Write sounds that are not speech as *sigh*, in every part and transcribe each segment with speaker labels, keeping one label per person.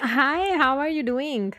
Speaker 1: Hi, how are you doing?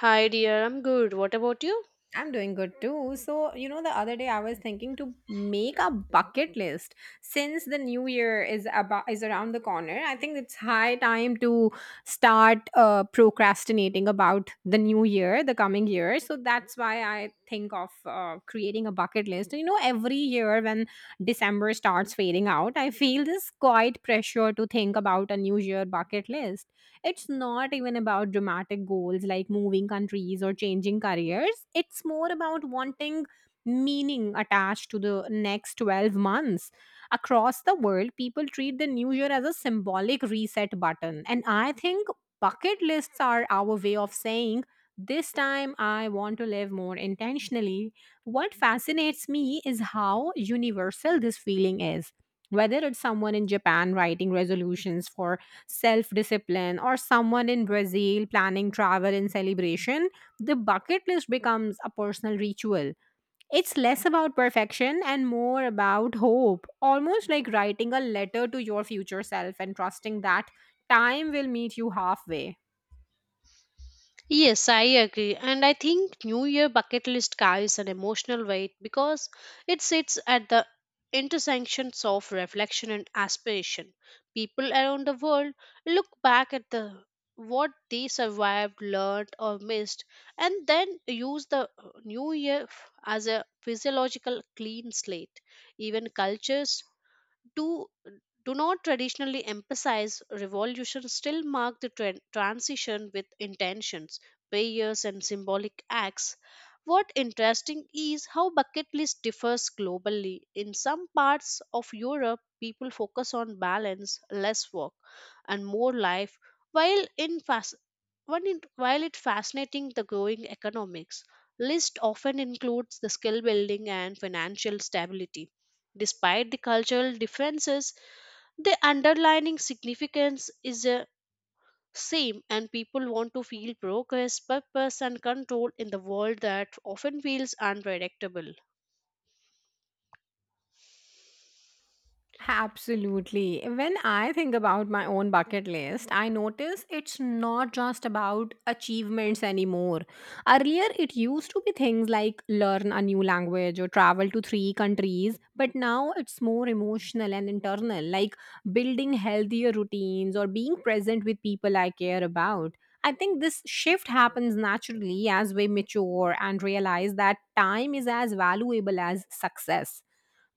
Speaker 2: Hi, dear. I'm good. What about you?
Speaker 1: I'm doing good too. So, you know, the other day I was thinking to make a bucket list since the new year is around the corner. I think it's high time to start procrastinating about the new year, the coming year. So that's why I think of creating a bucket list. You know, every year when December starts fading out, I feel this quite pressure to think about a new year bucket list. It's not even about dramatic goals like moving countries or changing careers. It's more about wanting meaning attached to the next 12 months. Across the world, people treat the new year as a symbolic reset button. And I think bucket lists are our way of saying, this time I want to live more intentionally. What fascinates me is how universal this feeling is, whether it's someone in Japan writing resolutions for self discipline, or someone in Brazil planning travel in celebration, the bucket list becomes a personal ritual. It's less about perfection and more about hope, almost like writing a letter to your future self and trusting that time will meet you halfway.
Speaker 2: Yes, I agree. And I think New Year bucket list carries an emotional weight because it sits at the intersections of reflection and aspiration. People around the world look back at the what they survived, learned, or missed, and then use the new year as a physiological clean slate. Even cultures do do not traditionally emphasize revolution still mark the transition with intentions, prayers and symbolic acts. What interesting is how bucket list differs globally. In some parts of Europe people focus on balance, less work and more life, while in fas- one in, while it fascinating the growing economics list often includes the skill building and financial stability. Despite the cultural differences the underlying significance is the same, and people want to feel progress, purpose and control in the world that often feels unpredictable.
Speaker 1: Absolutely. When I think about my own bucket list, I notice it's not just about achievements anymore. Earlier, it used to be things like learn a new language or travel to three countries, but now it's more emotional and internal, like building healthier routines or being present with people I care about. I think this shift happens naturally as we mature and realize that time is as valuable as success.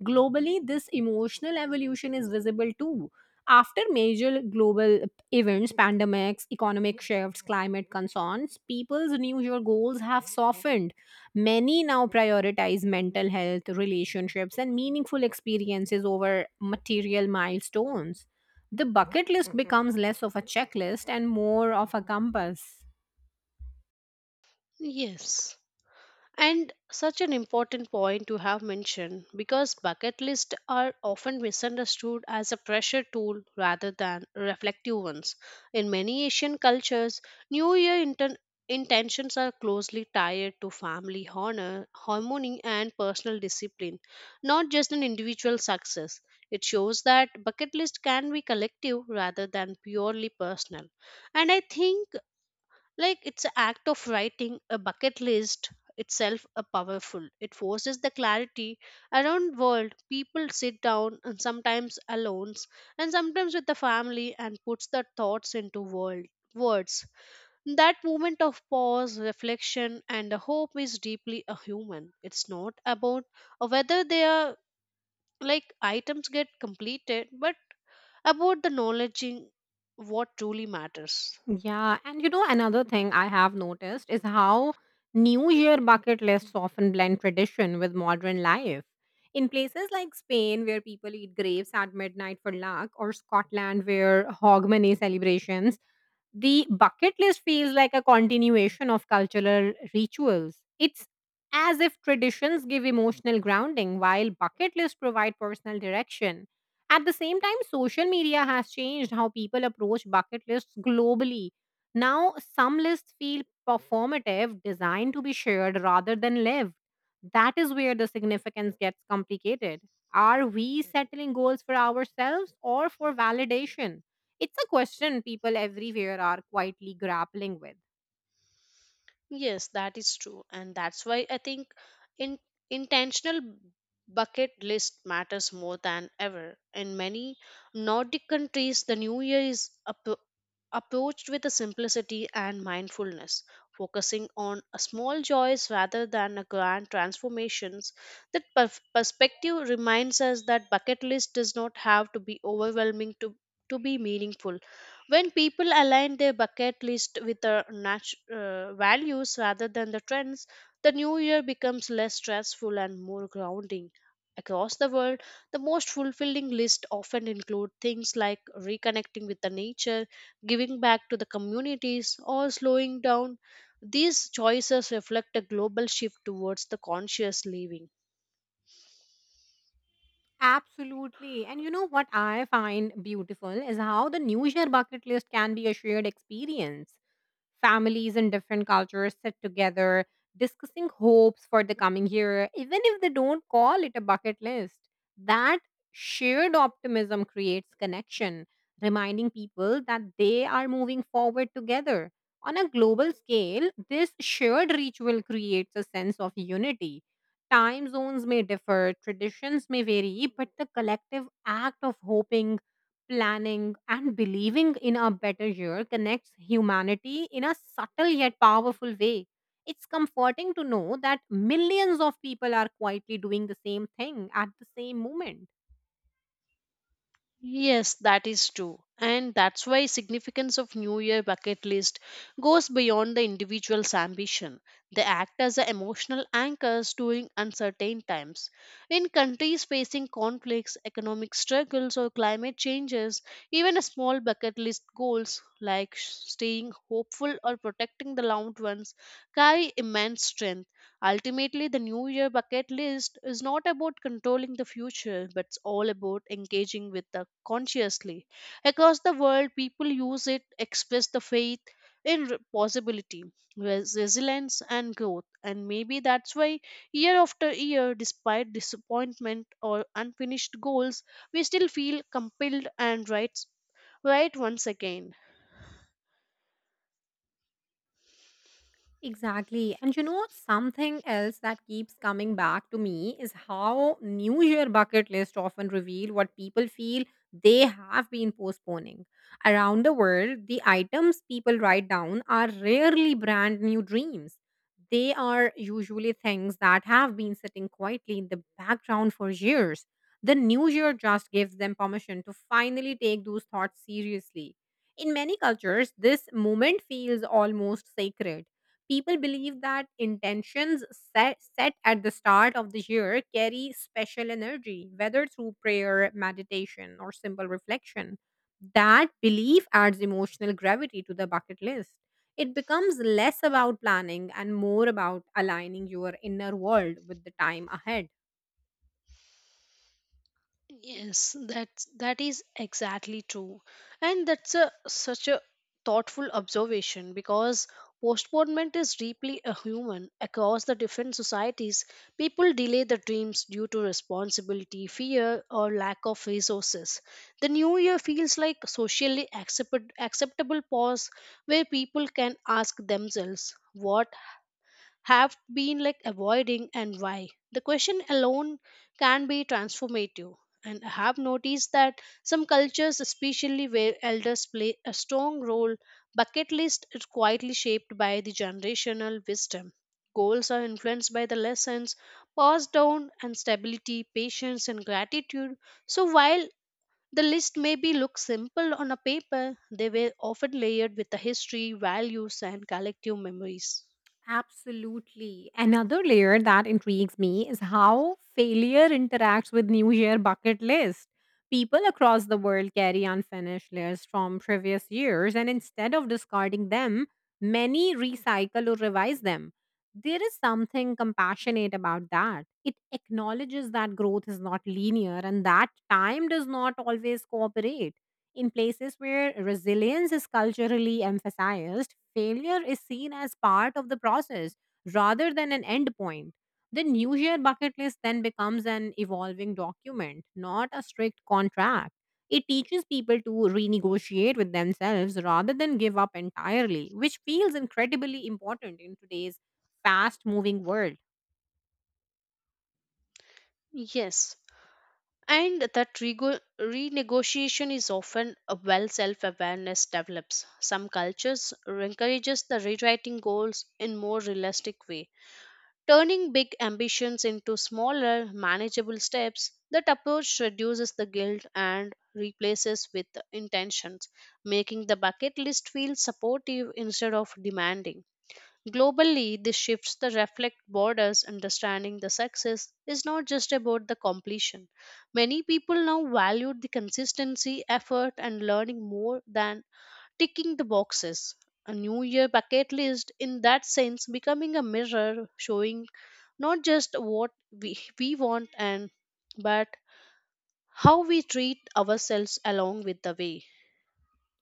Speaker 1: Globally, this emotional evolution is visible too. After major global events, pandemics, economic shifts, climate concerns, people's New Year goals have softened. Many now prioritize mental health, relationships, and meaningful experiences over material milestones. The bucket list becomes less of a checklist and more of a compass.
Speaker 2: Yes. And such an important point to have mentioned because bucket lists are often misunderstood as a pressure tool rather than reflective ones. In many Asian cultures, New Year intentions are closely tied to family honor, harmony, and personal discipline, not just an individual success. It shows that bucket list can be collective rather than purely personal. And I think, like, it's an act of writing a bucket list itself a powerful, it forces the clarity. Around world people sit down, and sometimes alone and sometimes with the family, and puts their thoughts into world, words. That moment of pause, reflection and the hope is deeply a human. It's not about whether they are, like, items get completed but about the knowledging what truly matters.
Speaker 1: Yeah, and you know, another thing I have noticed is how New Year bucket lists often blend tradition with modern life. In places like Spain, where people eat grapes at midnight for luck, or Scotland, where Hogmanay celebrations, the bucket list feels like a continuation of cultural rituals. It's as if traditions give emotional grounding while bucket lists provide personal direction. At the same time, social media has changed how people approach bucket lists globally. Now, some lists feel performative, designed to be shared rather than lived. That is where the significance gets complicated. Are we settling goals for ourselves or for validation? It's a question people everywhere are quietly grappling with.
Speaker 2: Yes, that is true. And that's why I think in, intentional bucket list matters more than ever. In many Nordic countries, the new year is approached with a simplicity and mindfulness, focusing on a small joys rather than a grand transformations. That perspective reminds us that bucket list does not have to be overwhelming to be meaningful. When people align their bucket list with their values rather than the trends, the new year becomes less stressful and more grounding. Across the world, the most fulfilling list often include things like reconnecting with the nature, giving back to the communities, or slowing down. These choices reflect a global shift towards the conscious living.
Speaker 1: Absolutely. And you know what I find beautiful is how the New Year bucket list can be a shared experience. Families in different cultures sit together discussing hopes for the coming year, even if they don't call it a bucket list. That shared optimism creates connection, reminding people that they are moving forward together. On a global scale, this shared ritual creates a sense of unity. Time zones may differ, traditions may vary, but the collective act of hoping, planning, and believing in a better year connects humanity in a subtle yet powerful way. It's comforting to know that millions of people are quietly doing the same thing at the same moment.
Speaker 2: Yes, that is true. And that's why significance of New Year bucket list goes beyond the individual's ambition. They act as the emotional anchors during uncertain times. In countries facing conflicts, economic struggles or climate changes, even a small bucket list goals like staying hopeful or protecting the loved ones carry immense strength. Ultimately, the New Year bucket list is not about controlling the future, but it's all about engaging with the consciously. Across the world, people use it express the faith in possibility, resilience, and growth. And maybe that's why, year after year, despite disappointment or unfinished goals, we still feel compelled and right once again.
Speaker 1: Exactly. And you know, something else that keeps coming back to me is how New Year bucket lists often reveal what people feel they have been postponing. Around the world, the items people write down are rarely brand new dreams. They are usually things that have been sitting quietly in the background for years. The New Year just gives them permission to finally take those thoughts seriously. In many cultures, this moment feels almost sacred. People believe that intentions set at the start of the year carry special energy, whether through prayer, meditation, or simple reflection. That belief adds emotional gravity to the bucket list. It becomes less about planning and more about aligning your inner world with the time ahead.
Speaker 2: Yes, that is exactly true. And that's a such a thoughtful observation because postponement is deeply a human across the different societies. People delay their dreams due to responsibility, fear, or lack of resources. The new year feels like a socially acceptable pause where people can ask themselves what have been like avoiding and why. The question alone can be transformative. And I have noticed that some cultures, especially where elders play a strong role, bucket list is quietly shaped by the generational wisdom. Goals are influenced by the lessons passed down and stability, patience, and gratitude. So while the list maybe look simple on a paper, they were often layered with the history, values, and collective memories.
Speaker 1: Absolutely. Another layer that intrigues me is how failure interacts with New Year bucket list. People across the world carry unfinished lists from previous years, and instead of discarding them, many recycle or revise them. There is something compassionate about that. It acknowledges that growth is not linear and that time does not always cooperate. In places where resilience is culturally emphasized, failure is seen as part of the process rather than an end point. The New Year bucket list then becomes an evolving document, not a strict contract. It teaches people to renegotiate with themselves rather than give up entirely, which feels incredibly important in today's fast moving world.
Speaker 2: Yes, and that renegotiation is often a well self-awareness develops. Some cultures encourages the rewriting goals in more realistic way, turning big ambitions into smaller manageable steps. That approach reduces the guilt and replaces with intentions, making the bucket list feel supportive instead of demanding. Globally, this shifts the reflect borders understanding the success is not just about the completion. Many people now value the consistency, effort, and learning more than ticking the boxes. A New Year bucket list, in that sense, becoming a mirror showing not just what we want and but how we treat ourselves along with the way.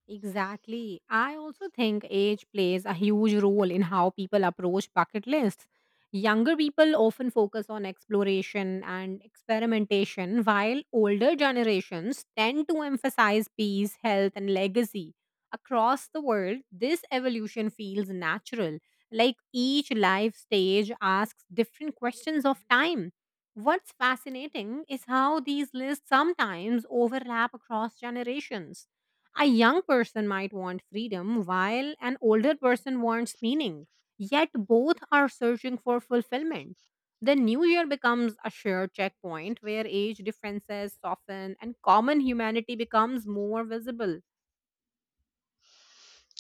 Speaker 1: Exactly. I also think age plays a huge role in how people approach bucket lists. Younger people often focus on exploration and experimentation, while older generations tend to emphasize peace, health, and legacy. Across the world, this evolution feels natural. Like each life stage asks different questions of time. What's fascinating is how these lists sometimes overlap across generations. A young person might want freedom while an older person wants meaning, yet both are searching for fulfillment. The new year becomes a shared checkpoint where age differences soften and common humanity becomes more visible.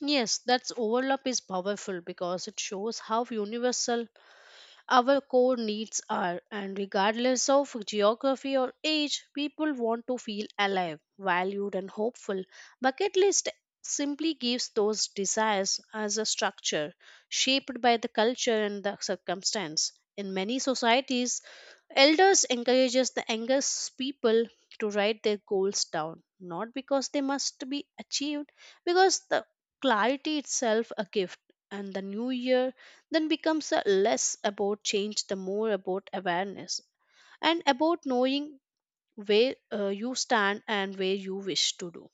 Speaker 2: Yes, that's overlap is powerful because it shows how universal our core needs are, and regardless of geography or age, people want to feel alive, valued, and hopeful. Bucket list simply gives those desires as a structure shaped by the culture and the circumstance. In many societies, elders encourages the youngest people to write their goals down, not because they must be achieved, because the clarity itself a gift. And the new year then becomes a less about change, the more about awareness and about knowing where you stand and where you wish to do.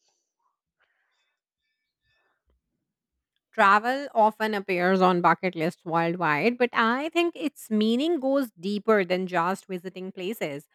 Speaker 1: Travel often appears on bucket lists worldwide, but I think its meaning goes deeper than just visiting places.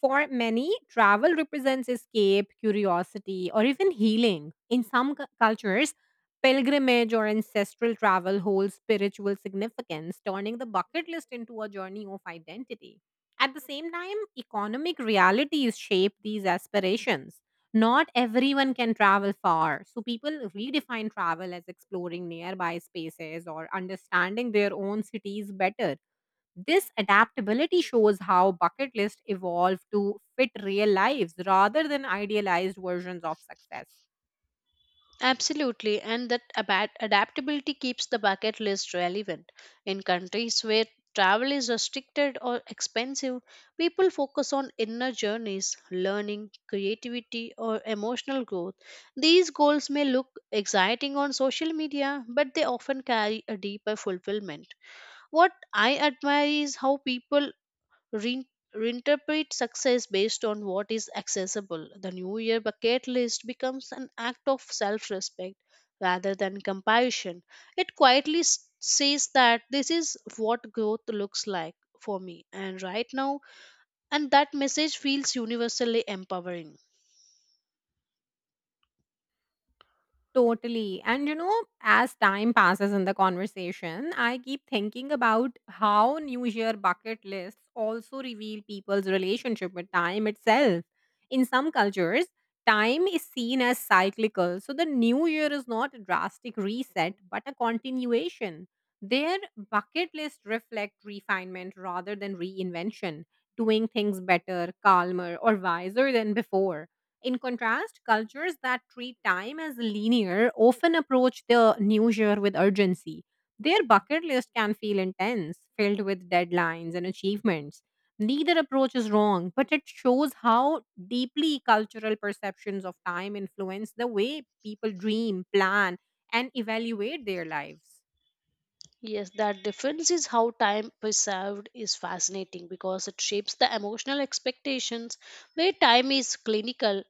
Speaker 1: For many, travel represents escape, curiosity, or even healing. In some cultures, pilgrimage or ancestral travel holds spiritual significance, turning the bucket list into a journey of identity. At the same time, economic realities shape these aspirations. Not everyone can travel far, so people redefine travel as exploring nearby spaces or understanding their own cities better. This adaptability shows how bucket lists evolve to fit real lives rather than idealized versions of success.
Speaker 2: Absolutely, and that adaptability keeps the bucket list relevant. In countries where travel is restricted or expensive, people focus on inner journeys, learning, creativity, or emotional growth. These goals may look exciting on social media, but they often carry a deeper fulfillment. What I admire is how people Rein reinterpret success based on what is accessible. The New Year bucket list becomes an act of self respect rather than compassion. It quietly says that this is what growth looks like for me and right now, and that message feels universally empowering.
Speaker 1: Totally. And you know, as time passes in the conversation, I keep thinking about how New Year bucket lists also reveal people's relationship with time itself. In some cultures, time is seen as cyclical. So the New Year is not a drastic reset, but a continuation. Their bucket list reflect refinement rather than reinvention, doing things better, calmer, or wiser than before. In contrast, cultures that treat time as linear often approach the new year with urgency. Their bucket list can feel intense, filled with deadlines and achievements. Neither approach is wrong, but it shows how deeply cultural perceptions of time influence the way people dream, plan, and evaluate their lives.
Speaker 2: Yes, that difference is how time preserved is fascinating because it shapes the emotional expectations where time is clinical.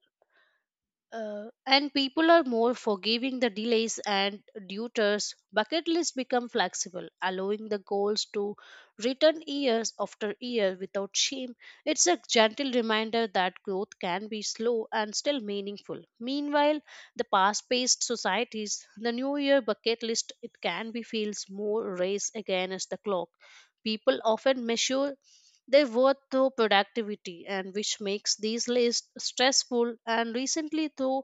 Speaker 2: And people are more forgiving the delays, and debtors bucket lists become flexible, allowing the goals to return years after year without shame. It's a gentle reminder that growth can be slow and still meaningful. Meanwhile, the past paced societies, the new year bucket list, it can be feels more race against the clock. People often measure their worth through productivity, and which makes these lists stressful. And recently, through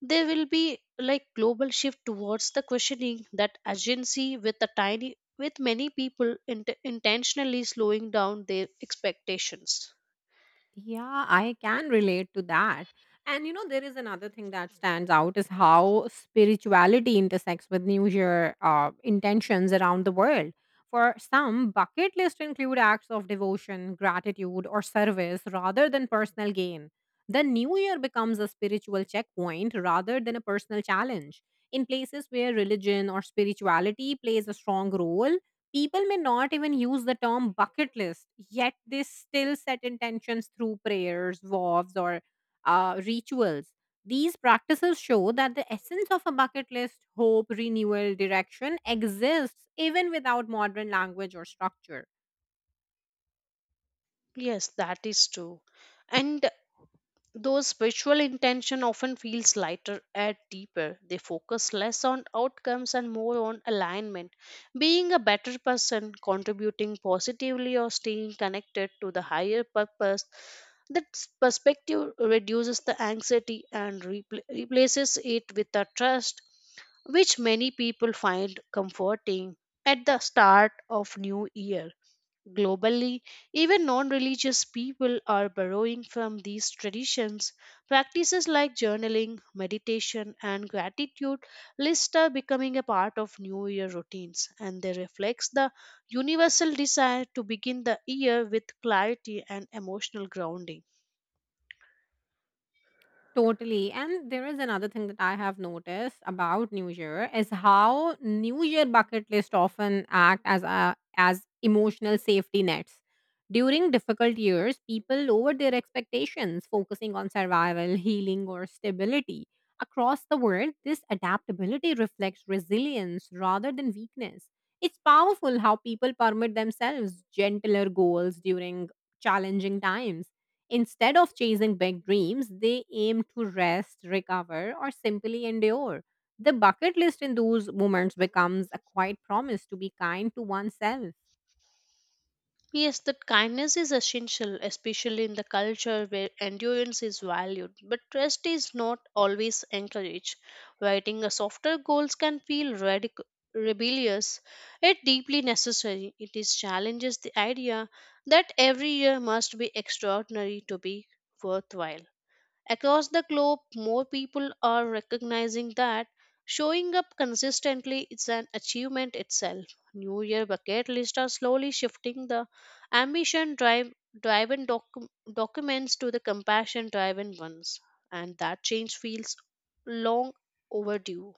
Speaker 2: there will be like global shift towards the questioning that agency with a tiny, with many people intentionally slowing down their expectations.
Speaker 1: Yeah, I can relate to that. And you know, there is another thing that stands out is how spirituality intersects with New Year intentions around the world. For some, bucket lists include acts of devotion, gratitude, or service rather than personal gain. The New Year becomes a spiritual checkpoint rather than a personal challenge. In places where religion or spirituality plays a strong role, people may not even use the term bucket list, yet they still set intentions through prayers, vows, or rituals. These practices show that the essence of a bucket list, hope, renewal, direction exists even without modern language or structure.
Speaker 2: Yes, that is true. And those spiritual intention often feels lighter and deeper. They focus less on outcomes and more on alignment, being a better person, contributing positively, or staying connected to the higher purpose. That perspective reduces the anxiety and replaces it with a trust, which many people find comforting at the start of new year. Globally, even non religious people are borrowing from these traditions. Practices like journaling, meditation, and gratitude lists are becoming a part of New Year routines, and they reflect the universal desire to begin the year with clarity and emotional grounding.
Speaker 1: Totally. And there is another thing that I have noticed about New Year is how New Year bucket list often act as a as emotional safety nets. During difficult years, people lower their expectations, focusing on survival, healing, or stability. Across the world, this adaptability reflects resilience rather than weakness. It's powerful how people permit themselves gentler goals during challenging times. Instead of chasing big dreams, they aim to rest, recover, or simply endure. The bucket list in those moments becomes a quiet promise to be kind to oneself.
Speaker 2: Yes, that kindness is essential, especially in the culture where endurance is valued, but trust is not always encouraged. Writing a softer goals can feel radical. Rebellious, yet deeply necessary, it is challenges the idea that every year must be extraordinary to be worthwhile. Across the globe, more people are recognizing that showing up consistently is an achievement itself. New Year bucket lists are slowly shifting the ambition drive driven documents to the compassion driven ones, and that change feels long overdue.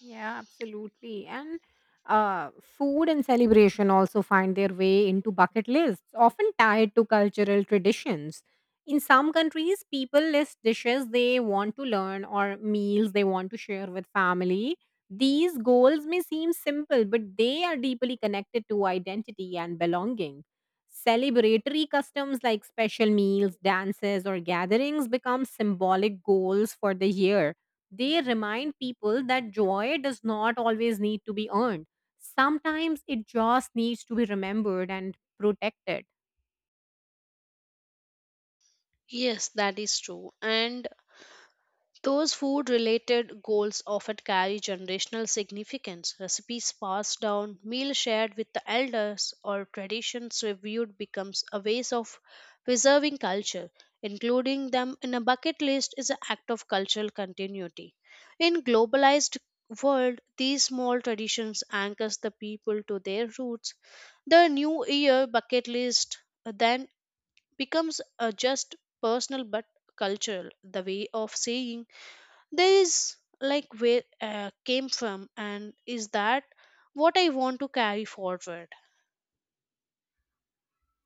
Speaker 1: Yeah, absolutely. And food and celebration also find their way into bucket lists, often tied to cultural traditions. In some countries, people list dishes they want to learn or meals they want to share with family. These goals may seem simple, but they are deeply connected to identity and belonging. Celebratory customs like special meals, dances, or gatherings become symbolic goals for the year. They remind people that joy does not always need to be earned. Sometimes it just needs to be remembered and protected.
Speaker 2: Yes, that is true. And those food related goals often carry generational significance. Recipes passed down, meals shared with the elders, or traditions reviewed becomes a ways of preserving culture. Including them in a bucket list is an act of cultural continuity. In globalized world, these small traditions anchors the people to their roots. The new year bucket list then becomes a just personal but cultural, the way of saying there is like where came from and is that what I want to carry forward.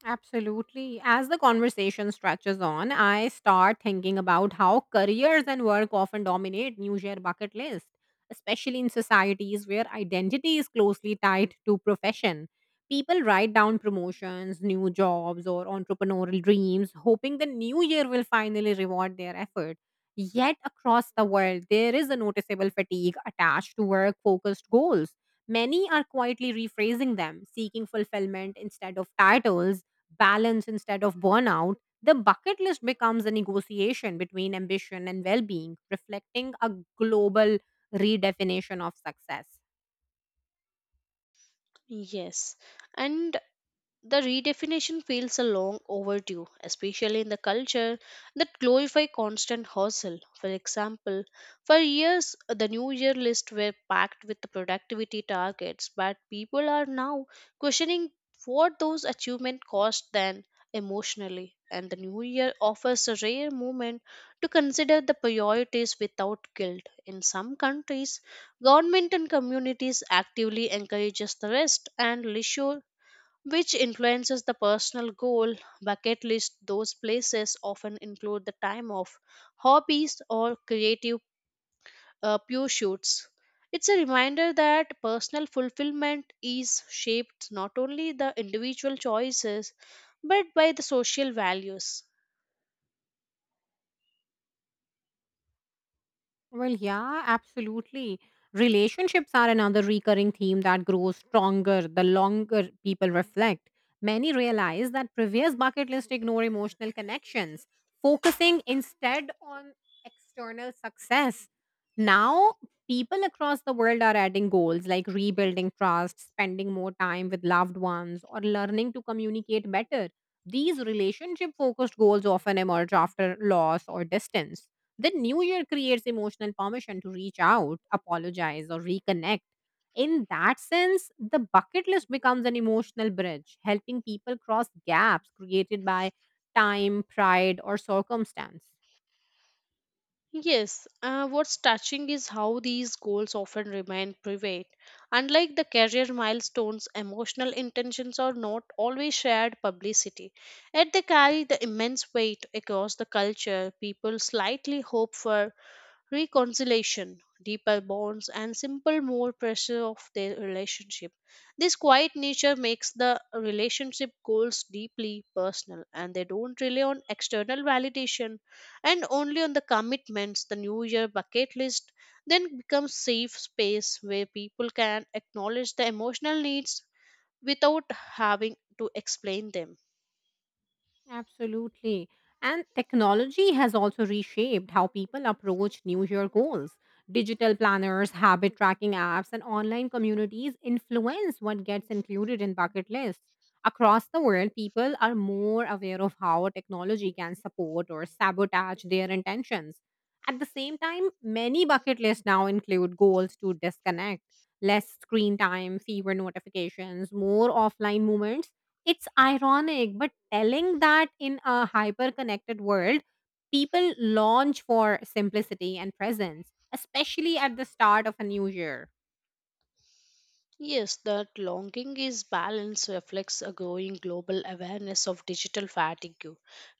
Speaker 1: Absolutely. As the conversation stretches on, I start thinking about how careers and work often dominate New Year bucket list, especially in societies where identity is closely tied to profession. People write down promotions, new jobs, or entrepreneurial dreams, hoping the new year will finally reward their effort. Yet, across the world, there is a noticeable fatigue attached to work focused goals. Many are quietly rephrasing them, seeking fulfillment instead of titles, balance instead of burnout, the bucket list becomes a negotiation between ambition and well being, reflecting a global redefinition of success.
Speaker 2: Yes. And the redefinition feels a long overdue, especially in the culture that glorify constant hustle. For example, for years the New Year list were packed with the productivity targets, but people are now questioning what those achievements cost then emotionally. And the New Year offers a rare moment to consider the priorities without guilt. In some countries, government and communities actively encourages the rest and leisure, which influences the personal goal bucket list. Those places often include the time off, hobbies or creative pursuits. It's a reminder that personal fulfillment is shaped not only the individual choices but by the social values.
Speaker 1: Well, yeah, absolutely. Relationships are another recurring theme that grows stronger the longer people reflect. Many realize that previous bucket lists ignore emotional connections, focusing instead on external success. Now, people across the world are adding goals like rebuilding trust, spending more time with loved ones, or learning to communicate better. These relationship focused goals often emerge after loss or distance. The new year creates emotional permission to reach out, apologize, or reconnect. In that sense, the bucket list becomes an emotional bridge, helping people cross gaps created by time, pride, or circumstance.
Speaker 2: Yes, what's touching is how these goals often remain private. Unlike the career milestones, emotional intentions are not always shared publicity. Yet they carry the immense weight across the culture. People slightly hope for reconciliation, deeper bonds, and simple, more pressure of their relationship. This quiet nature makes the relationship goals deeply personal and they don't rely on external validation and only on the commitments. The New Year bucket list then becomes safe space where people can acknowledge the emotional needs without having to explain them.
Speaker 1: Absolutely. And technology has also reshaped how people approach New Year goals. Digital planners, habit tracking apps, and online communities influence what gets included in bucket lists. Across the world, people are more aware of how technology can support or sabotage their intentions. At the same time, many bucket lists now include goals to disconnect, less screen time, fewer notifications, more offline moments. It's ironic, but telling that in a hyper connected world, people launch for simplicity and presence, especially at the start of a new year.
Speaker 2: Yes, that longing is balance reflects a growing global awareness of digital fatigue.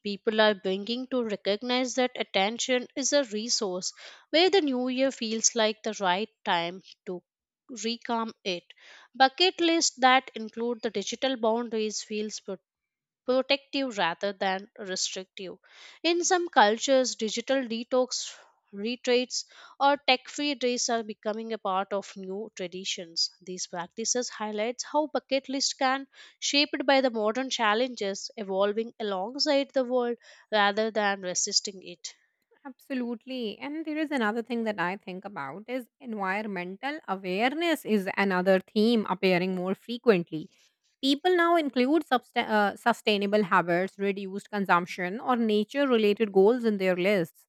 Speaker 2: People are beginning to recognize that attention is a resource where the new year feels like the right time to reclaim it. Bucket lists that include the digital boundaries feels protective rather than restrictive. In some cultures, digital detox retreats or tech-free days are becoming a part of new traditions. These practices highlights how bucket list can shaped by the modern challenges evolving alongside the world rather than resisting it.
Speaker 1: Absolutely. And there is another thing that I think about is environmental awareness is another theme appearing more frequently. People now include sustainable habits, reduced consumption, or nature related goals in their lists.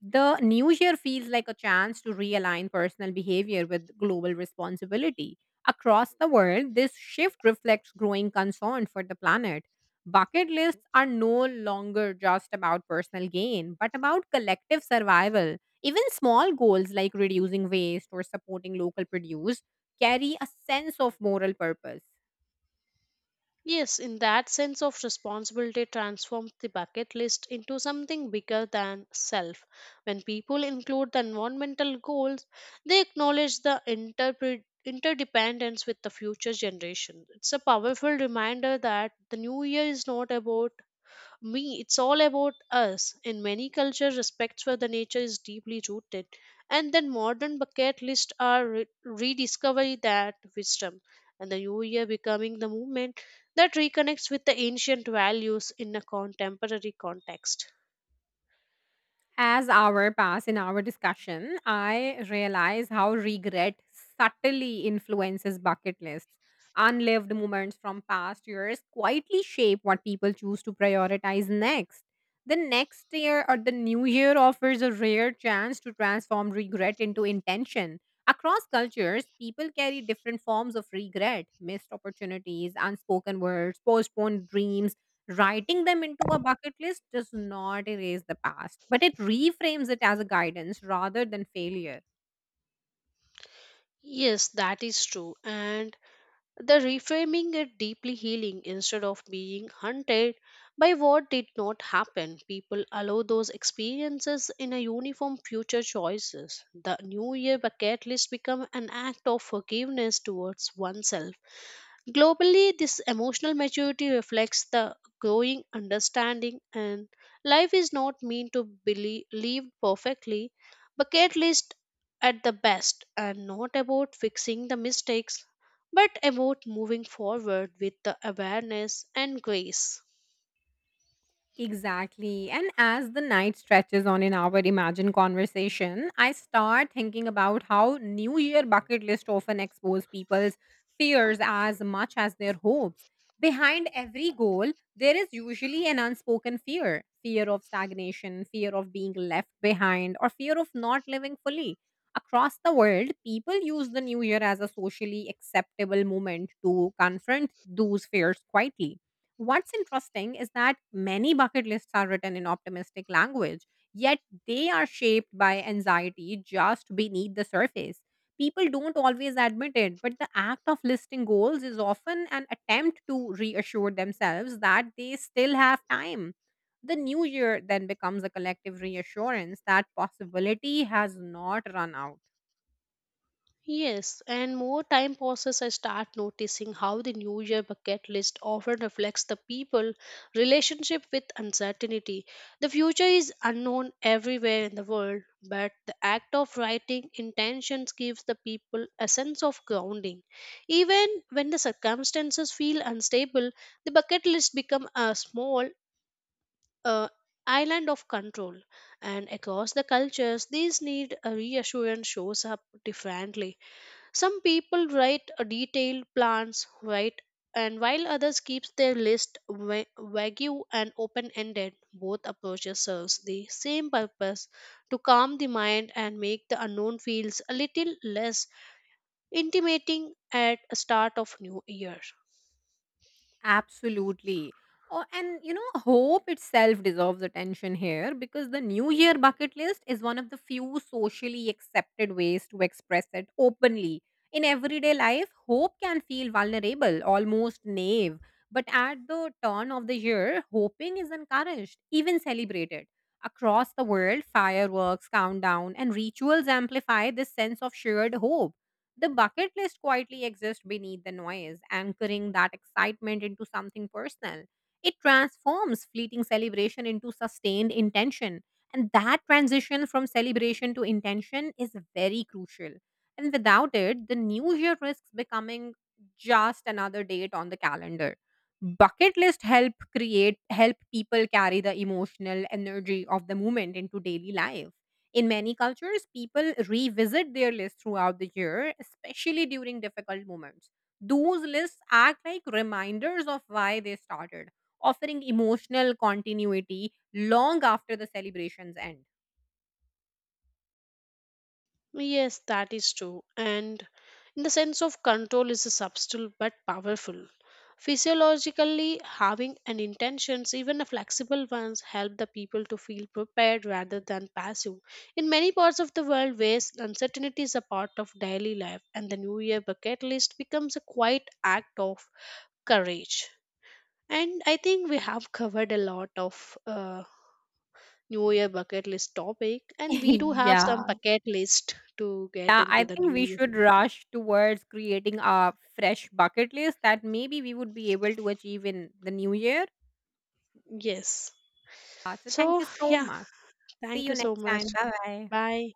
Speaker 1: The new year feels like a chance to realign personal behavior with global responsibility. Across the world, this shift reflects growing concern for the planet. Bucket lists are no longer just about personal gain, but about collective survival. Even small goals like reducing waste or supporting local produce carry a sense of moral purpose.
Speaker 2: Yes, in that sense of responsibility transforms the bucket list into something bigger than self. When people include the environmental goals, they acknowledge the interdependence with the future generation. It's a powerful reminder that the new year is not about me, it's all about us. In many cultures respect for the nature is deeply rooted, and then modern bucket lists are rediscovery that wisdom, and the new year becoming the movement that reconnects with the ancient values in a contemporary context.
Speaker 1: As hour pass in our discussion, I realize how regret subtly influences bucket lists. Unlived moments from past years quietly shape what people choose to prioritize next. The next year or the new year offers a rare chance to transform regret into intention. Across cultures, people carry different forms of regret: missed opportunities, unspoken words, postponed dreams. Writing them into a bucket list does not erase the past, but it reframes it as a guidance rather than failure.
Speaker 2: Yes, that is true. And the reframing it deeply healing. Instead of being hunted by what did not happen, people allow those experiences in a uniform future choices. The new year bucket list become an act of forgiveness towards oneself. Globally, this emotional maturity reflects the growing understanding and life is not meant to be lived perfectly, but at least at the best, and not about fixing the mistakes, but about moving forward with the awareness and grace.
Speaker 1: Exactly. And as the night stretches on in our imagined conversation, I start thinking about how New Year bucket list often expose people's fears as much as their hopes. Behind every goal, there is usually an unspoken fear: fear of stagnation, fear of being left behind, or fear of not living fully. Across the world, people use the New Year as a socially acceptable moment to confront those fears quietly. What's interesting is that many bucket lists are written in optimistic language, yet they are shaped by anxiety just beneath the surface. People don't always admit it, but the act of listing goals is often an attempt to reassure themselves that they still have time. The new year then becomes a collective reassurance that possibility has not run out.
Speaker 2: Yes, and more time passes, I start noticing how the New Year bucket list often reflects the people' relationship with uncertainty. The future is unknown everywhere in the world, but the act of writing intentions gives the people a sense of grounding. Even when the circumstances feel unstable, the bucket list becomes a small uh, island of control. And across the cultures, this need a reassurance shows up differently. Some people write a detailed plans, right? And while others keeps their list vague and open-ended, both approaches serves the same purpose to calm the mind and make the unknown feels a little less intimidating at the start of new year.
Speaker 1: Absolutely. Oh, and you know, hope itself deserves attention here because the New Year bucket list is one of the few socially accepted ways to express it openly. In everyday life, hope can feel vulnerable, almost naive. But at the turn of the year, hoping is encouraged, even celebrated. Across the world, fireworks, countdown, and rituals amplify this sense of shared hope. The bucket list quietly exists beneath the noise, anchoring that excitement into something personal. It transforms fleeting celebration into sustained intention. And that transition from celebration to intention is very crucial. And without it, the new year risks becoming just another date on the calendar. Bucket list help create help people carry the emotional energy of the moment into daily life. In many cultures, people revisit their lists throughout the year, especially during difficult moments. Those lists act like reminders of why they started, offering emotional continuity long after the celebrations end.
Speaker 2: Yes, that is true. And in the sense of control is a subtle but powerful. Physiologically, having an intentions, even a flexible ones, help the people to feel prepared rather than passive. In many parts of the world, where uncertainty is a part of daily life, and the New Year bucket list becomes a quiet act of courage. And I think we have covered a lot of New Year bucket list topic, and we do
Speaker 1: *laughs*
Speaker 2: have some
Speaker 1: Yeah.
Speaker 2: bucket list to get
Speaker 1: Yeah, I
Speaker 2: into the
Speaker 1: think we
Speaker 2: New Year.
Speaker 1: should rush towards creating a fresh bucket list that maybe we would be able to achieve in the new year.
Speaker 2: Yes.
Speaker 1: So thank you
Speaker 2: So,
Speaker 1: so
Speaker 2: yeah,
Speaker 1: much. See
Speaker 2: thank
Speaker 1: you
Speaker 2: you so
Speaker 1: next
Speaker 2: much.
Speaker 1: time. Bye bye.
Speaker 2: Bye.